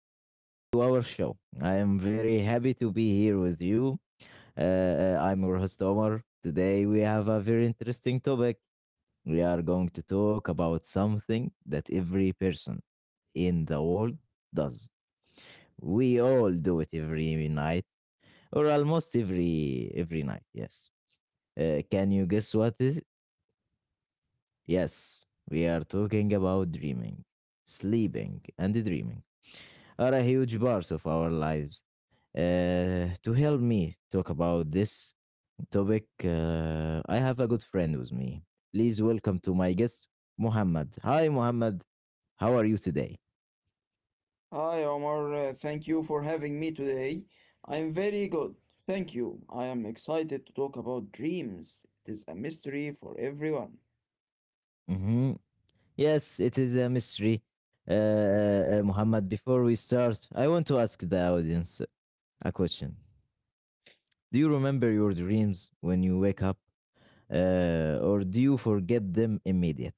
Welcome back to our show. I am very happy to be here with you. I'm your host, Omar. Today, we have a very interesting topic. We are going to talk about something that every person in the world does. We all do it every night, or almost every night. Yes. Can you guess what is? Yes, we are talking about dreaming, sleeping, and dreaming are a huge part of our lives. To help me talk about this topic, I have a good friend with me. Please welcome to my guest, Muhammad. Hi, Muhammad. How are you today? Hi Omar, thank you for having me today. I'm very good, thank you. I am excited to talk about dreams. It is a mystery for everyone. Hmm. Yes, it is a mystery. Uh, Muhammad, before we start, I want to ask the audience a question. Do you remember your dreams when you wake up? Or do you forget them immediately?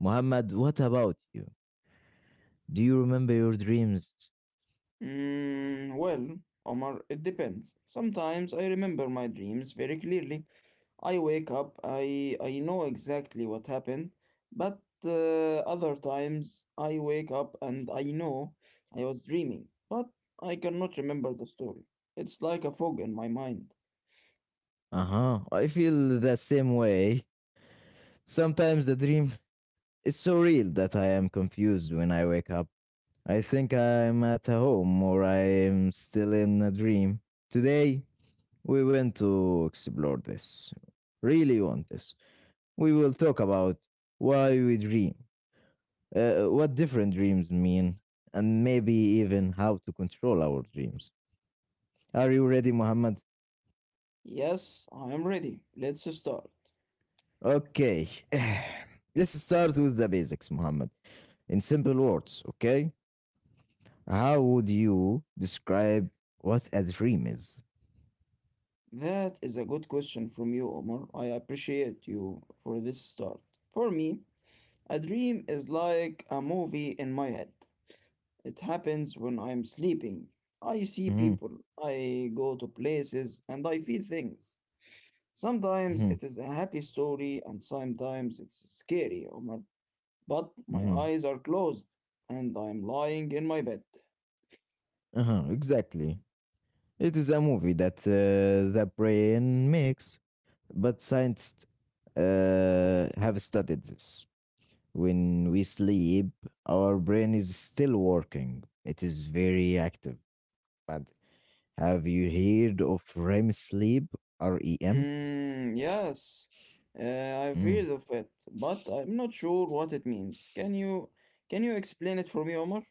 Muhammad, what about you? Do you remember your dreams? Well, Omar, it depends. Sometimes I remember my dreams very clearly. I wake up, I know exactly what happened, but other times I wake up and I know I was dreaming, but I cannot remember the story. It's like a fog in my mind. Uh huh. I feel the same way. Sometimes the dream is so real that I am confused when I wake up. I think I'm at home or I am still in a dream. Today, we went to explore this. Really want this. We will talk about why we dream, what different dreams mean, and maybe even how to control our dreams. Are you ready, Muhammad? Yes, I am ready. Let's start. Okay. Let's start with the basics, Muhammad. In simple words, okay? How would you describe what a dream is? That is a good question from you, Omar. I appreciate you for this start. For me, a dream is like a movie in my head. It happens when I'm sleeping. I see Hmm. people, I go to places, and I feel things. Sometimes Hmm. it is a happy story, and sometimes it's scary, Omar. But my Hmm. eyes are closed, and I'm lying in my bed. Uh-huh, exactly. It is a movie that the brain makes, but scientists have studied this. When we sleep, our brain is still working. It is very active. But have you heard of REM sleep? REM? Mm, yes, I've heard Mm. of it, but I'm not sure what it means. Can you explain it for me, Omar?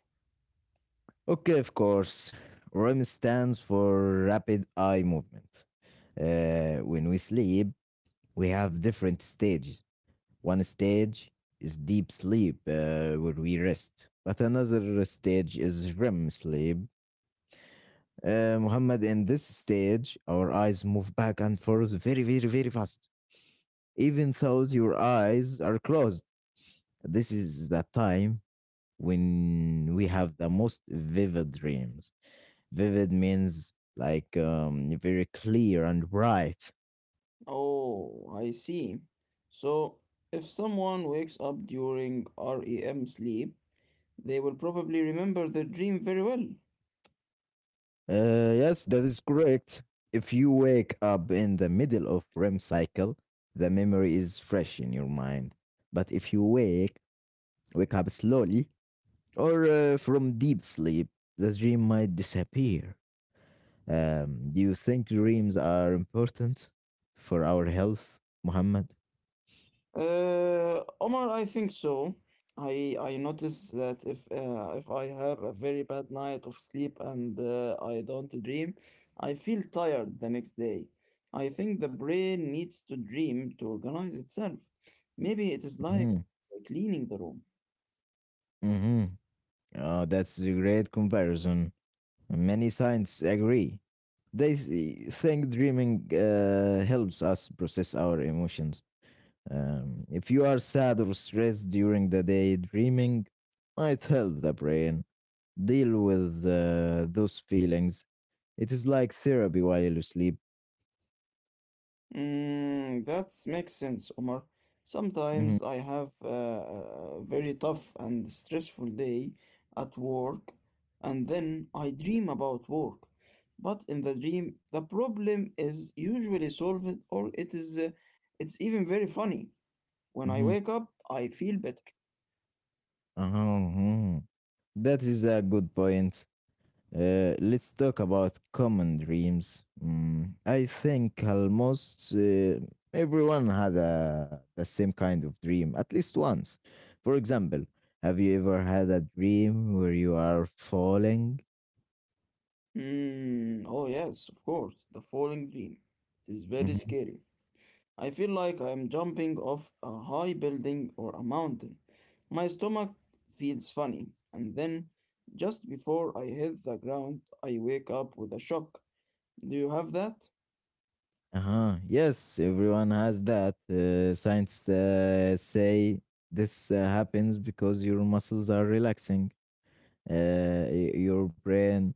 Okay, of course. REM stands for rapid eye movement. When we sleep, we have different stages. One stage is deep sleep, where we rest. But another stage is REM sleep. Muhammad, in this stage, our eyes move back and forth very, very, very fast, even though your eyes are closed. This is the time when we have the most vivid dreams. Vivid means like very clear and bright. Oh, I see. So, if someone wakes up during REM sleep, they will probably remember their dream very well. Yes, that is correct. If you wake up in the middle of REM cycle, the memory is fresh in your mind. But if you wake, wake up slowly, or from deep sleep, the dream might disappear. Do you think dreams are important for our health, Muhammad? Omar, I think so. I notice that if I have a very bad night of sleep and I don't dream, I feel tired the next day. I think the brain needs to dream to organize itself. Maybe it is like Hmm. cleaning the room. Hmm. That's a great comparison. Many scientists agree. Think dreaming helps us process our emotions. If you are sad or stressed during the day, dreaming might help the brain deal with those feelings. It is like therapy while you sleep. Mm, that makes sense, Omar. Mhm, Sometimes I have a very tough and stressful day at work, and then I dream about work. But in the dream, the problem is usually solved, or it's even very funny. When I mhm, wake up, I feel better. uh-huh, mhm. That is a good point. Let's talk about common dreams. I think almost everyone had a, the same kind of dream at least once. For example, have you ever had a dream where you are falling? Mm, oh yes, of course, the falling dream. It is very Mhm. scary. I feel like I'm jumping off a high building or a mountain. My stomach feels funny, and then just before I hit the ground, I wake up with a shock. Do you have that? Uh-huh. Yes, everyone has that. Science say this happens because your muscles are relaxing. Your brain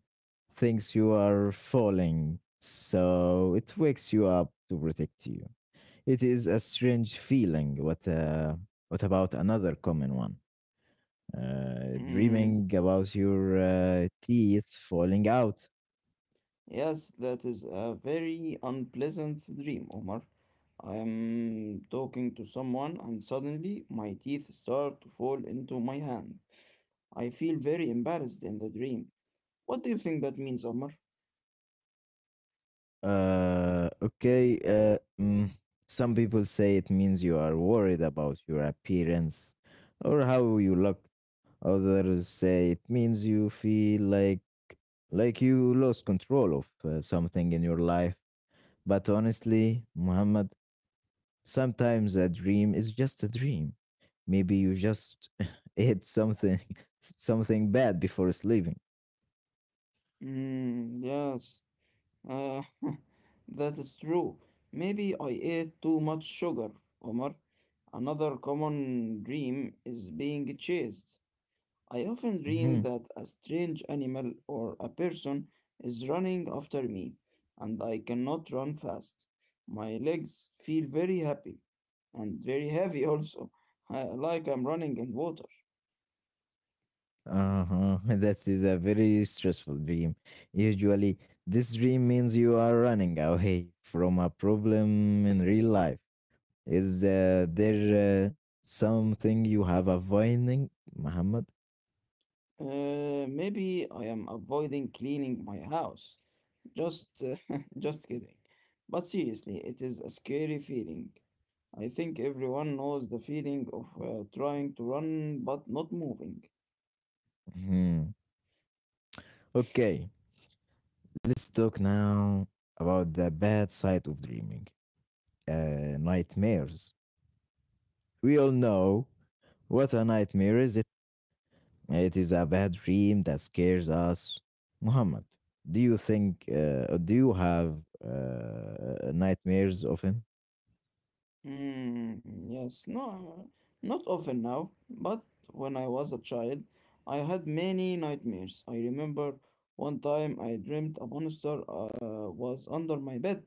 thinks you are falling, so it wakes you up to protect you. It is a strange feeling. What about another common one? Mm, Dreaming about your teeth falling out. yes, that is a very unpleasant dream, Omar. I am talking to someone, and suddenly my teeth start to fall into my hand. I feel very embarrassed in the dream. What do you think that means, Omar? Okay. Some people say it means you are worried about your appearance or how you look. Others say it means you feel like you lost control of something in your life. But honestly, Muhammad, sometimes a dream is just a dream. Maybe you just ate something something bad before sleeping. Mm, yes. Uh, that is true. Maybe I ate too much sugar, Omar. Another common dream is being chased. I often dream Mhm. that a strange animal or a person is running after me, and I cannot run fast. My legs feel very happy and very heavy also, like I'm running in water. Uh-huh. This is a very stressful dream. Usually, this dream means you are running away from a problem in real life. Is there something you have avoiding, Muhammad? Maybe I am avoiding cleaning my house. Just just kidding. But seriously, it is a scary feeling. I think everyone knows the feeling of trying to run but not moving. Hmm. Okay, let's talk now about the bad side of dreaming. Nightmares. We all know what a nightmare is. It is a bad dream that scares us. Muhammad, do you have nightmares often? Hmm, yes, no, not often now, but when I was a child, I had many nightmares. I remember one time I dreamt a monster was under my bed.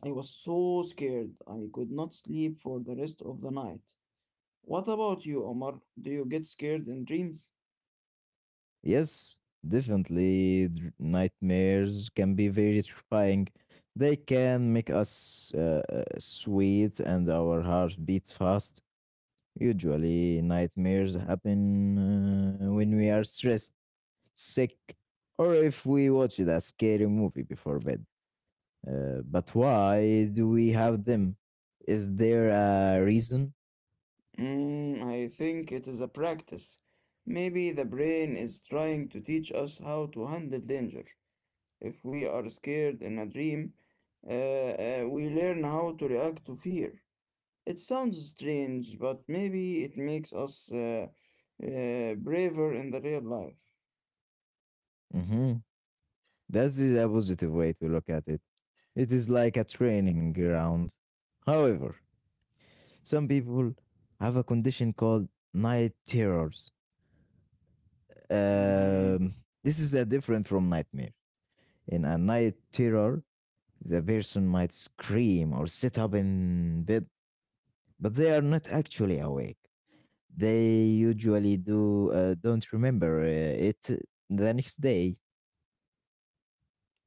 I was so scared, I could not sleep for the rest of the night. What about you, Omar? Do you get scared in dreams? Yes, definitely. Nightmares can be very terrifying. They can make us sweat and our heart beats fast. Usually, nightmares happen when we are stressed, sick, or if we watched a scary movie before bed. But why do we have them? Is there a reason? Mm, I think it is a practice. Maybe the brain is trying to teach us how to handle danger. If we are scared in a dream, we learn how to react to fear. It sounds strange, but maybe it makes us braver in the real life. Mm-hmm. That is a positive way to look at it. It is like a training ground. However, some people have a condition called night terrors. Mm-hmm. Um, this is different from nightmare. In a night terror, the person might scream or sit up in bed, but they are not actually awake. They usually do don't remember it the next day.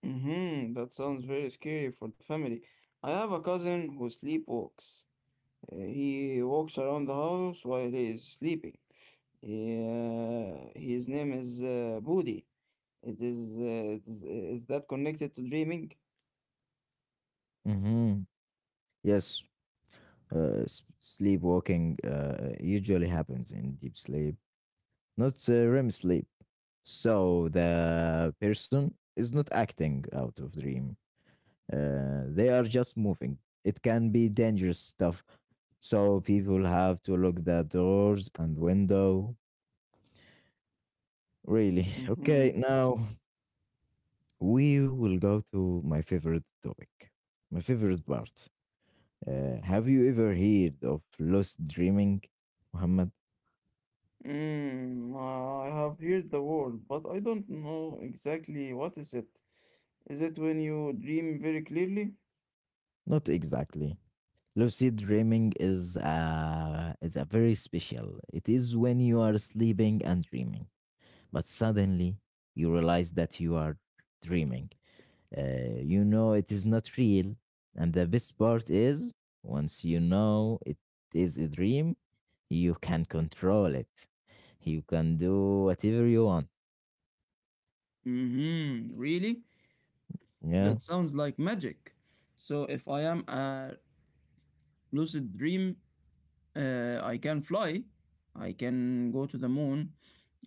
Mm-hmm. That sounds very scary for the family. I have a cousin who sleepwalks. He walks around the house while he is sleeping. Yeah, his name is Budi. It is that connected to dreaming? Hmm. Yes, sleepwalking usually happens in deep sleep, not REM sleep. So the person is not acting out of dream. They are just moving. It can be dangerous stuff. So people have to lock the doors and window. Really. Mm-hmm. Okay, now we will go to my favorite topic. My favorite part. Have you ever heard of lost dreaming, Muhammad? Mm, I have heard the word, but I don't know exactly what is it. Is it when you dream very clearly? Not exactly. Lucid dreaming is a very special. It is when you are sleeping and dreaming, but suddenly you realize that you are dreaming. You know it is not real, and the best part is once you know it is a dream, you can control it. You can do whatever you want. Mm-hmm. Really? Yeah. That sounds like magic. So if I am a lucid dream, I can fly, I can go to the moon,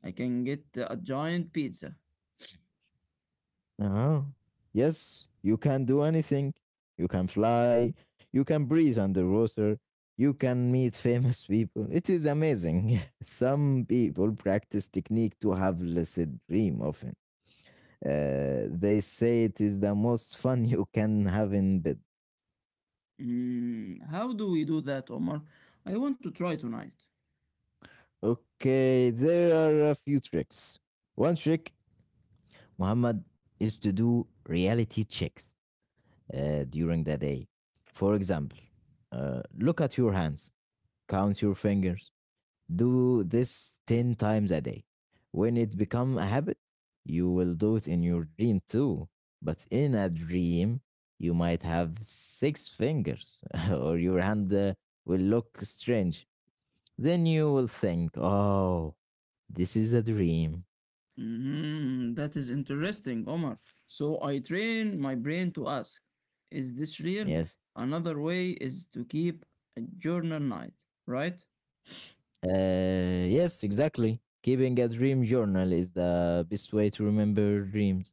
I can get a giant pizza. Uh-huh. Yes, you can do anything. You can fly. You can breathe underwater. You can meet famous people. It is amazing. Some people practice technique to have lucid dream often. They say it is the most fun you can have in bed. Mm, how do we do that, Omar? I want to try tonight. Okay, there are a few tricks. One trick, Muhammad, is to do reality checks during the day. For example, look at your hands. Count your fingers. Do this 10 times a day. When it become a habit, you will do it in your dream too. But in a dream, you might have six fingers or your hand will look strange. Then you will think, "Oh, this is a dream." Mhm, that is interesting, Omar. So I train my brain to ask, is this real? Yes. Another way is to keep a journal night, right? Yes, exactly. Keeping a dream journal is the best way to remember dreams.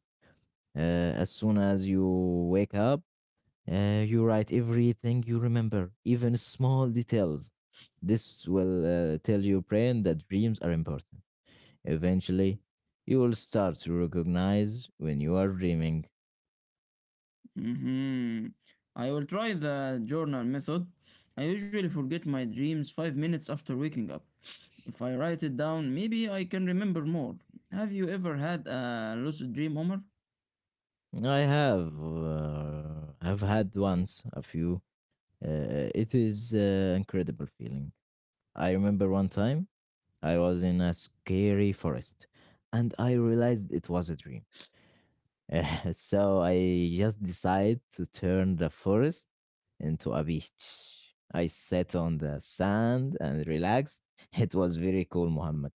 As soon as you wake up, you write everything you remember, even small details. This will tell your brain that dreams are important. Eventually, you will start to recognize when you are dreaming. Hmm, I will try the journal method. I usually forget my dreams 5 minutes after waking up. If I write it down, maybe I can remember more. Have you ever had a lucid dream, Omar? I have had once a few. It is incredible feeling. I remember one time I was in a scary forest, and I realized it was a dream. So I just decided to turn the forest into a beach. I sat on the sand and relaxed. It was very cool, Muhammad.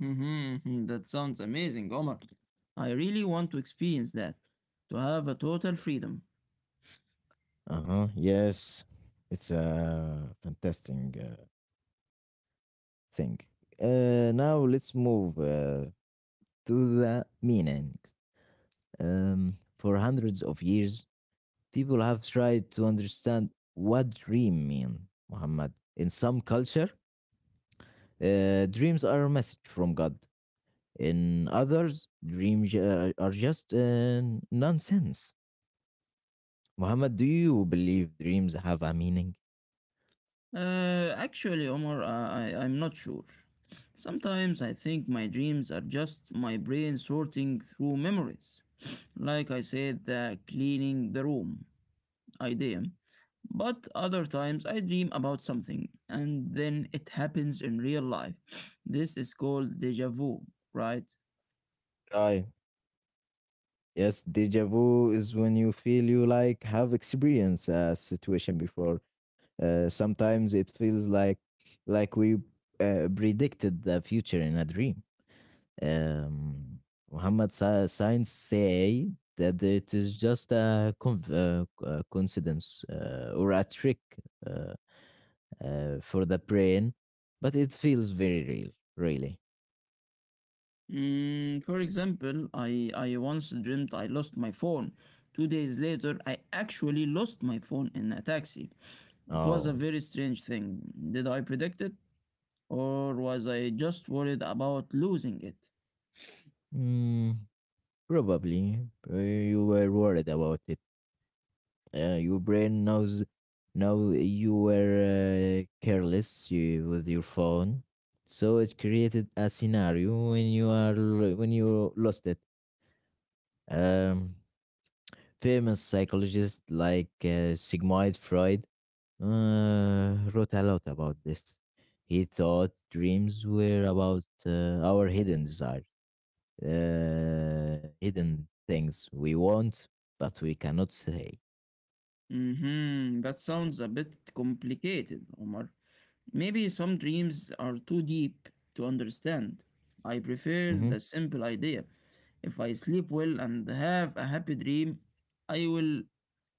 Mm-hmm. Mm-hmm, that sounds amazing, Omar. I really want to experience that, to have a total freedom. Uh huh. Yes, it's a fantastic uh, thing. Now let's move to the meanings. For hundreds of years, people have tried to understand what dream mean, Muhammad. In some culture, dreams are a message from God. In others, dreams are just nonsense. Muhammad, do you believe dreams have a meaning? Actually, Omar, I'm not sure. Sometimes I think my dreams are just my brain sorting through memories. Like I said, the cleaning the room idea. But other times I dream about something and then it happens in real life. This is called deja vu, right? Right. Yes, deja vu is when you feel you like have experienced a situation before. Sometimes it feels like we predicted the future in a dream. Um, Muhammad, science say that it is just a coincidence or a trick. Uh, for the brain, but it feels very real, really. Mm, for example, I once dreamt I lost my phone. 2 days later, I actually lost my phone in a taxi. It was a Oh, very strange thing. Did I predict it? Or was I just worried about losing it? mm, probably you were worried about it. Your brain knows now you were careless you, with your phone, so it created a scenario when you are when you lost it. Um, Famous psychologists like Sigmund Freud wrote a lot about this. He thought dreams were about our hidden desires, hidden things we want but we cannot say. Mm-hmm, that sounds a bit complicated, Omar. Maybe some dreams are too deep to understand. I prefer Mm-hmm. the simple idea. If I sleep well and have a happy dream, I will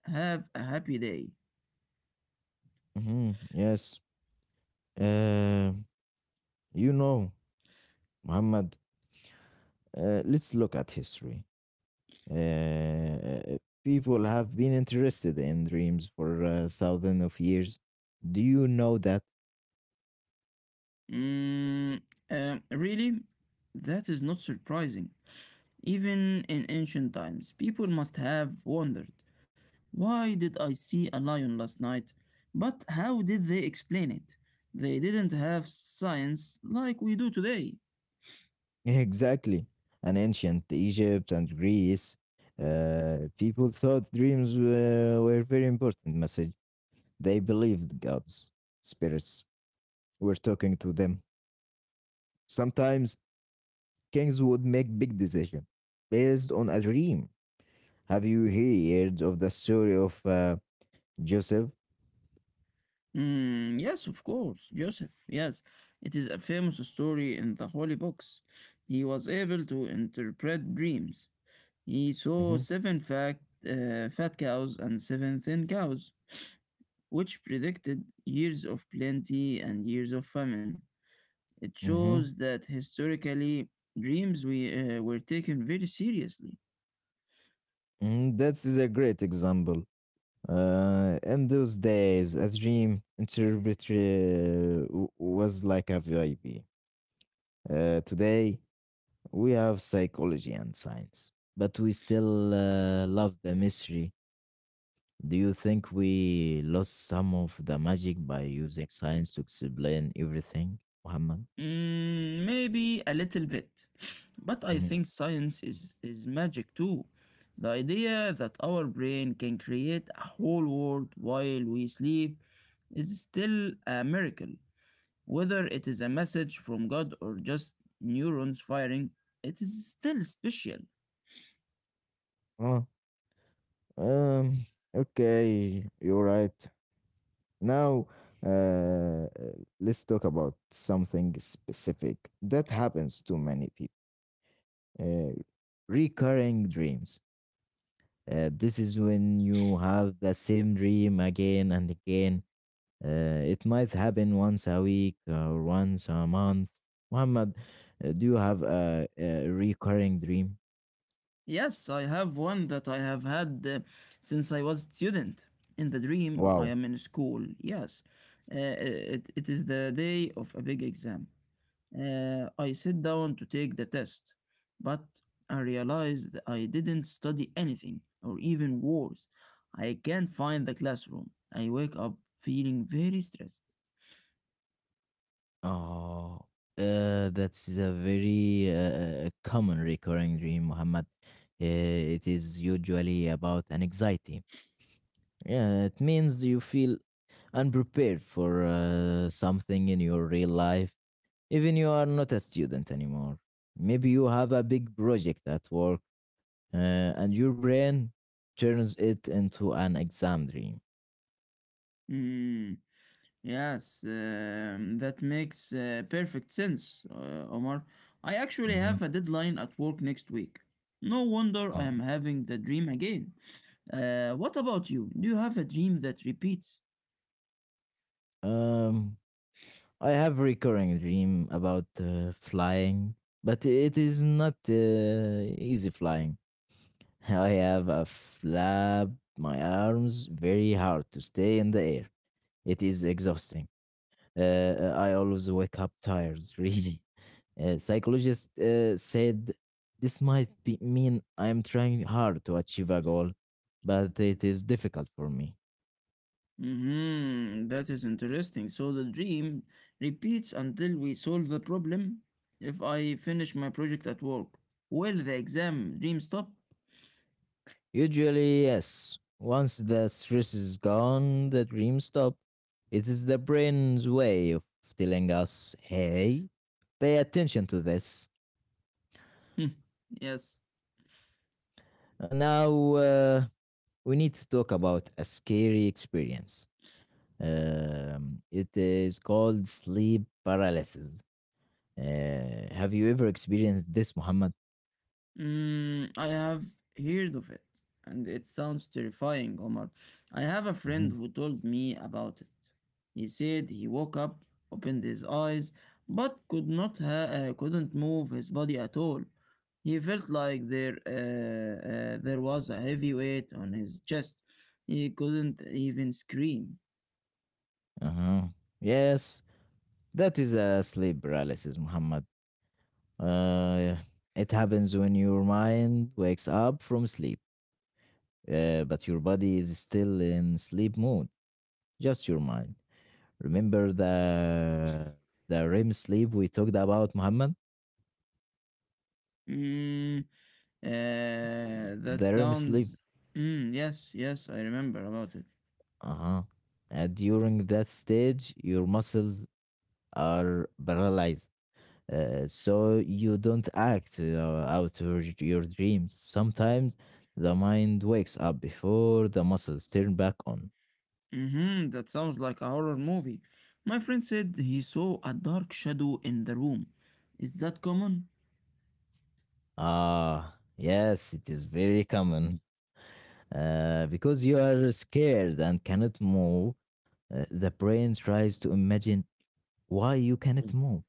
have a happy day. Mm-hmm. Yes. Uh, you know, Muhammad, let's look at history. Uh, People have been interested in dreams for thousands of years. Do you know that? Mm, Really? That is not surprising. Even in ancient times, people must have wondered why did I see a lion last night? But how did they explain it? They didn't have science like we do today. Exactly. And ancient Egypt and Greece, people thought dreams were very important message. They believed gods, spirits were talking to them. Sometimes kings would make big decisions based on a dream. Have you heard of the story of Joseph? Mm, yes, of course, Joseph. Yes, it is a famous story in the holy books. He was able to interpret dreams. He saw Hmm. seven fat cows and seven thin cows, which predicted years of plenty and years of famine. It Hmm. shows that historically, dreams were taken very seriously. Hmm. That is a great example. In those days, a dream interpreter was like a VIP. Today, we have psychology and science, but we still love the mystery. Do you think we lost some of the magic by using science to explain everything, Muhammad? Mm, maybe a little bit. But I Mhm. think science is magic too. The idea that our brain can create a whole world while we sleep is still a miracle. Whether it is a message from God or just neurons firing, it is still special. Oh, um, okay, you're right. Now, uh, let's talk about something specific that happens to many people. Uh, Recurring dreams. This is when you have the same dream again and again. It might happen once a week or once a month. Muhammad, do you have a recurring dream? Yes, I have one that I have had since I was a student. In the dream, I Wow. am in school. Yes, it is the day of a big exam. I sit down to take the test, but I realized I didn't study anything, or even worse, I can't find the classroom. I wake up feeling very stressed. Oh, that's a very common recurring dream, Muhammad. Uh, it is usually about an anxiety. Yeah, it means you feel unprepared for something in your real life. Even you are not a student anymore, maybe you have a big project at work, and your brain turns it into an exam dream. Hmm. Yes, that makes perfect sense, Omar. I actually Hmm. have a deadline at work next week. No wonder I Oh, am having the dream again. What about you? Do you have a dream that repeats? um, I have recurring dream about flying, but it is not easy flying. I have a flap my arms very hard to stay in the air. It is exhausting. I always wake up tired, really. Psychologist said this might be mean I'm trying hard to achieve a goal, but it is difficult for me. Mm-hmm, that is interesting. So the dream repeats until we solve the problem. If I finish my project at work, will the exam dream stop? Usually, yes. Once the stress is gone, the dreams stop. It is the brain's way of telling us, hey, pay attention to this. Yes. And now, we need to talk about a scary experience. It is called sleep paralysis. Have you ever experienced this, Muhammad? Mm, I have heard of it, and it sounds terrifying, Omar. I have a Mhm. friend who told me about it. He said he woke up, opened his eyes, but could not ha- couldn't move his body at all. He felt like there was a heavy weight on his chest. He couldn't even scream. Uh-huh. Yes, that is a sleep paralysis, Muhammad. Uh, it happens when your mind wakes up from sleep, but your body is still in sleep mode. Just your mind. Remember the REM sleep we talked about, Muhammad? Mm, that The REM sleep. sounds. Mm, yes, yes, I remember about it. Uh huh. During that stage, your muscles are paralyzed. So you don't act out your dreams. Sometimes the mind wakes up before the muscles turn back on. Mm-hmm, that sounds like a horror movie. My friend said he saw a dark shadow in the room. Is that common? Ah, yes, it is very common. Because you are scared and cannot move, the brain tries to imagine why you cannot move.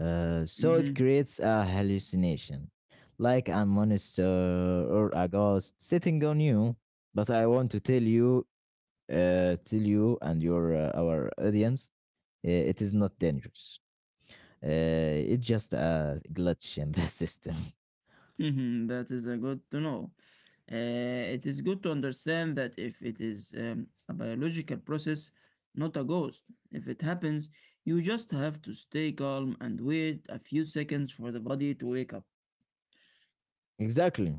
So it Mm. creates a hallucination, like a monster or a ghost sitting on you. But I want to tell you and your our audience, it is not dangerous. It's just a glitch in the system. Mm-hmm. That is a good to know. Uh, it is good to understand that if it is a biological process, not a ghost. If it happens, you just have to stay calm and wait a few seconds for the body to wake up. Exactly.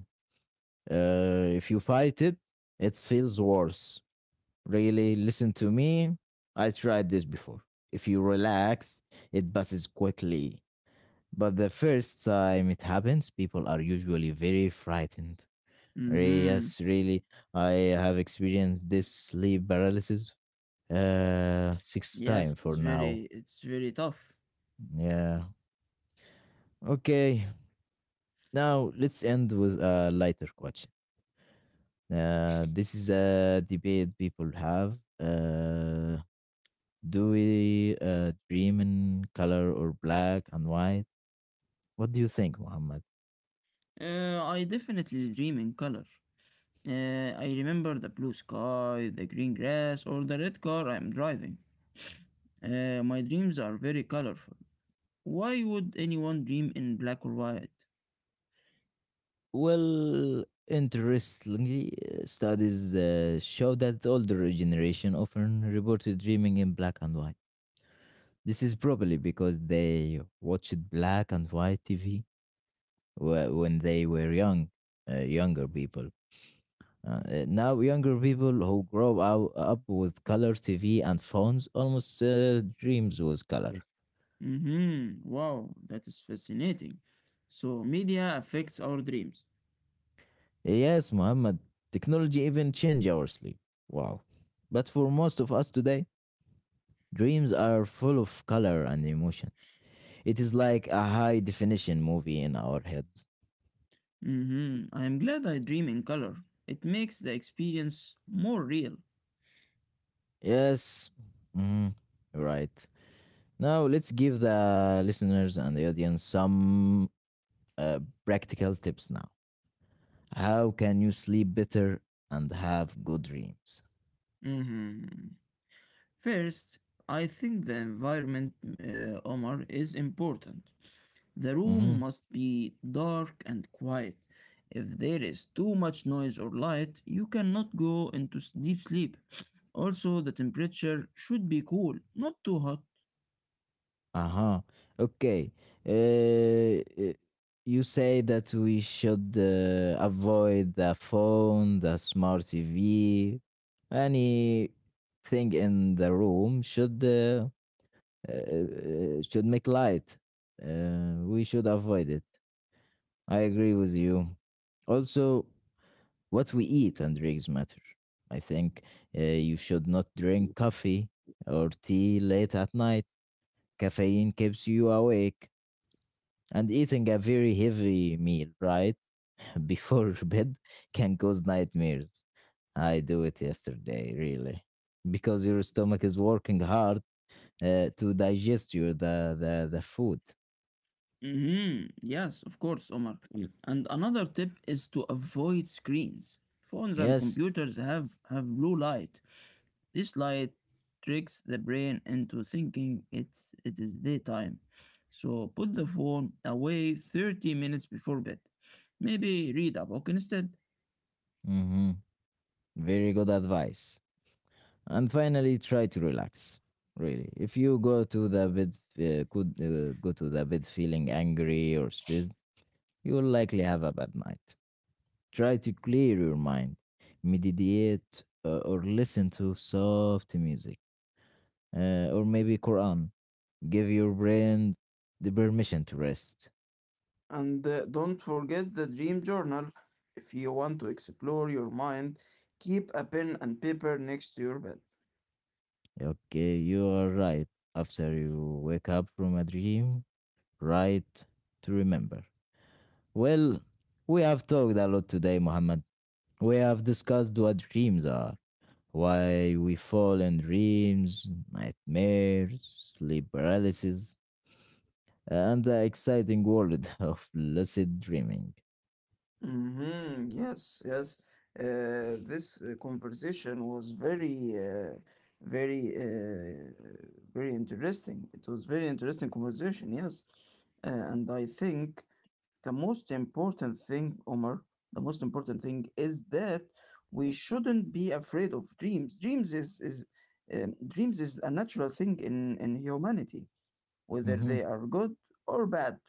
If you fight it, it feels worse. Really, listen to me. I tried this before. If you relax, it passes quickly. But the first time it happens, people are usually very frightened. Mm-hmm. Yes, really, I have experienced this sleep paralysis six time Yes, for now. It's very tough. Yeah. Okay. Now let's end with a lighter question. This is a debate people have. Do we dream in color or black and white? What do you think, Muhammad? I definitely dream in color. I remember the blue sky, the green grass, or the red car I am driving. My dreams are very colorful. Why would anyone dream in black or white? Well, interestingly, studies show that older generation often reported dreaming in black and white. This is probably because they watched black and white TV when they were young, younger people. Now, younger people who grow up with color TV and phones almost dreams with color. Mm. Mm-hmm. Wow, that is fascinating. So media affects our dreams. Yes, Muhammad, technology even change our sleep. Wow. But for most of us today, dreams are full of color and emotion. It is like a high definition movie in our heads. Mm-hmm. I am glad I dream in color. It makes the experience more real. Yes. Mhm. Right. Now, let's give the listeners and the audience some uh, practical tips now. How can you sleep better and have good dreams? Mm-hmm. First, I think the environment, Omar, is important. The Mm-hmm. room must be dark and quiet. If there is too much noise or light, you cannot go into deep sleep. Also, the temperature should be cool, not too hot. Uh-huh. Okay. Uh, uh, you say that we should avoid the phone, the smart TV, anything in the room should make light. We should avoid it. I agree with you. Also, what we eat and drinks matter. I think you should not drink coffee or tea late at night. Caffeine keeps you awake, and eating a very heavy meal right before bed can cause nightmares. I do it yesterday, really, because your stomach is working hard to digest your the food. Mhm, yes, of course, Omar. Mm. And another tip is to avoid screens. Phones and Yes. computers have blue light. This light tricks the brain into thinking it is daytime. So put the phone away 30 minutes before bed. Maybe read a book instead. Mm-hmm. Very good advice. And finally, try to relax, really. If you go to the bed, could go to the bed feeling angry or stressed, you will likely have a bad night. Try to clear your mind, meditate, or listen to soft music, or maybe quran. Give your brain the permission to rest. And don't forget the dream journal. If you want to explore your mind, keep a pen and paper next to your bed. Okay, you are right. After you wake up from a dream, right, to remember. Well, we have talked a lot today, Muhammad. We have discussed what dreams are, why we fall in dreams, nightmares, sleep paralysis, and the exciting world of lucid dreaming. Mm-hmm. Yes, yes. This conversation was very, uh, very interesting. It was very interesting conversation. Yes, and I think the most important thing, Omar, the most important thing is that we shouldn't be afraid of dreams. Dreams is Dreams is a natural thing in humanity, whether Mm-hmm, they are good or bad.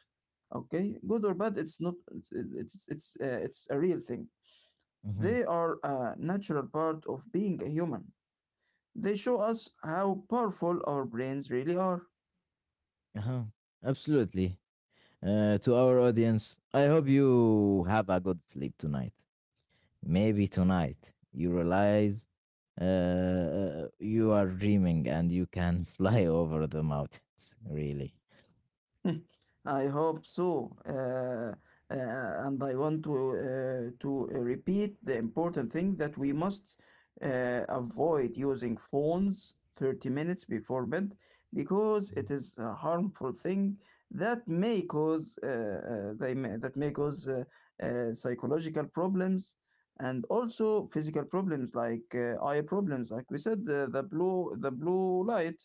Okay, good or bad, it's not it's it's a real thing. mm-hmm, They are a natural part of being a human. They show us how powerful our brains really are. uh-huh. Absolutely. To our audience, I hope you have a good sleep tonight. Maybe tonight you realize you are dreaming and you can fly over the mountains, really. Hmm, I hope so. And I want to repeat the important thing that we must avoid using phones 30 minutes before bed, because it is a harmful thing that may cause they may, that may cause psychological problems and also physical problems like eye problems, like we said, the blue light,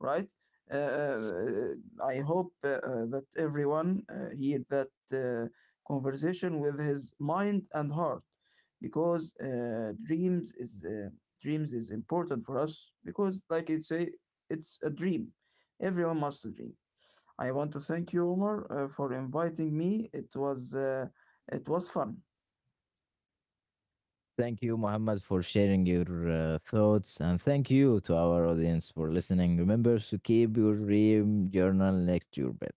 right? uh, uh, I hope that everyone hear that uh, conversation with his mind and heart, because dreams is important for us, because like I say, it's a dream, everyone must dream. I want to thank you Omar for inviting me. It was fun. Thank you, Muhammad, for sharing your thoughts. And thank you to our audience for listening. Remember to keep your dream journal next to your bed.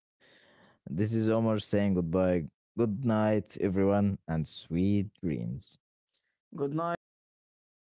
This is Omar saying goodbye. Good night, everyone, and sweet dreams. Good night. See you.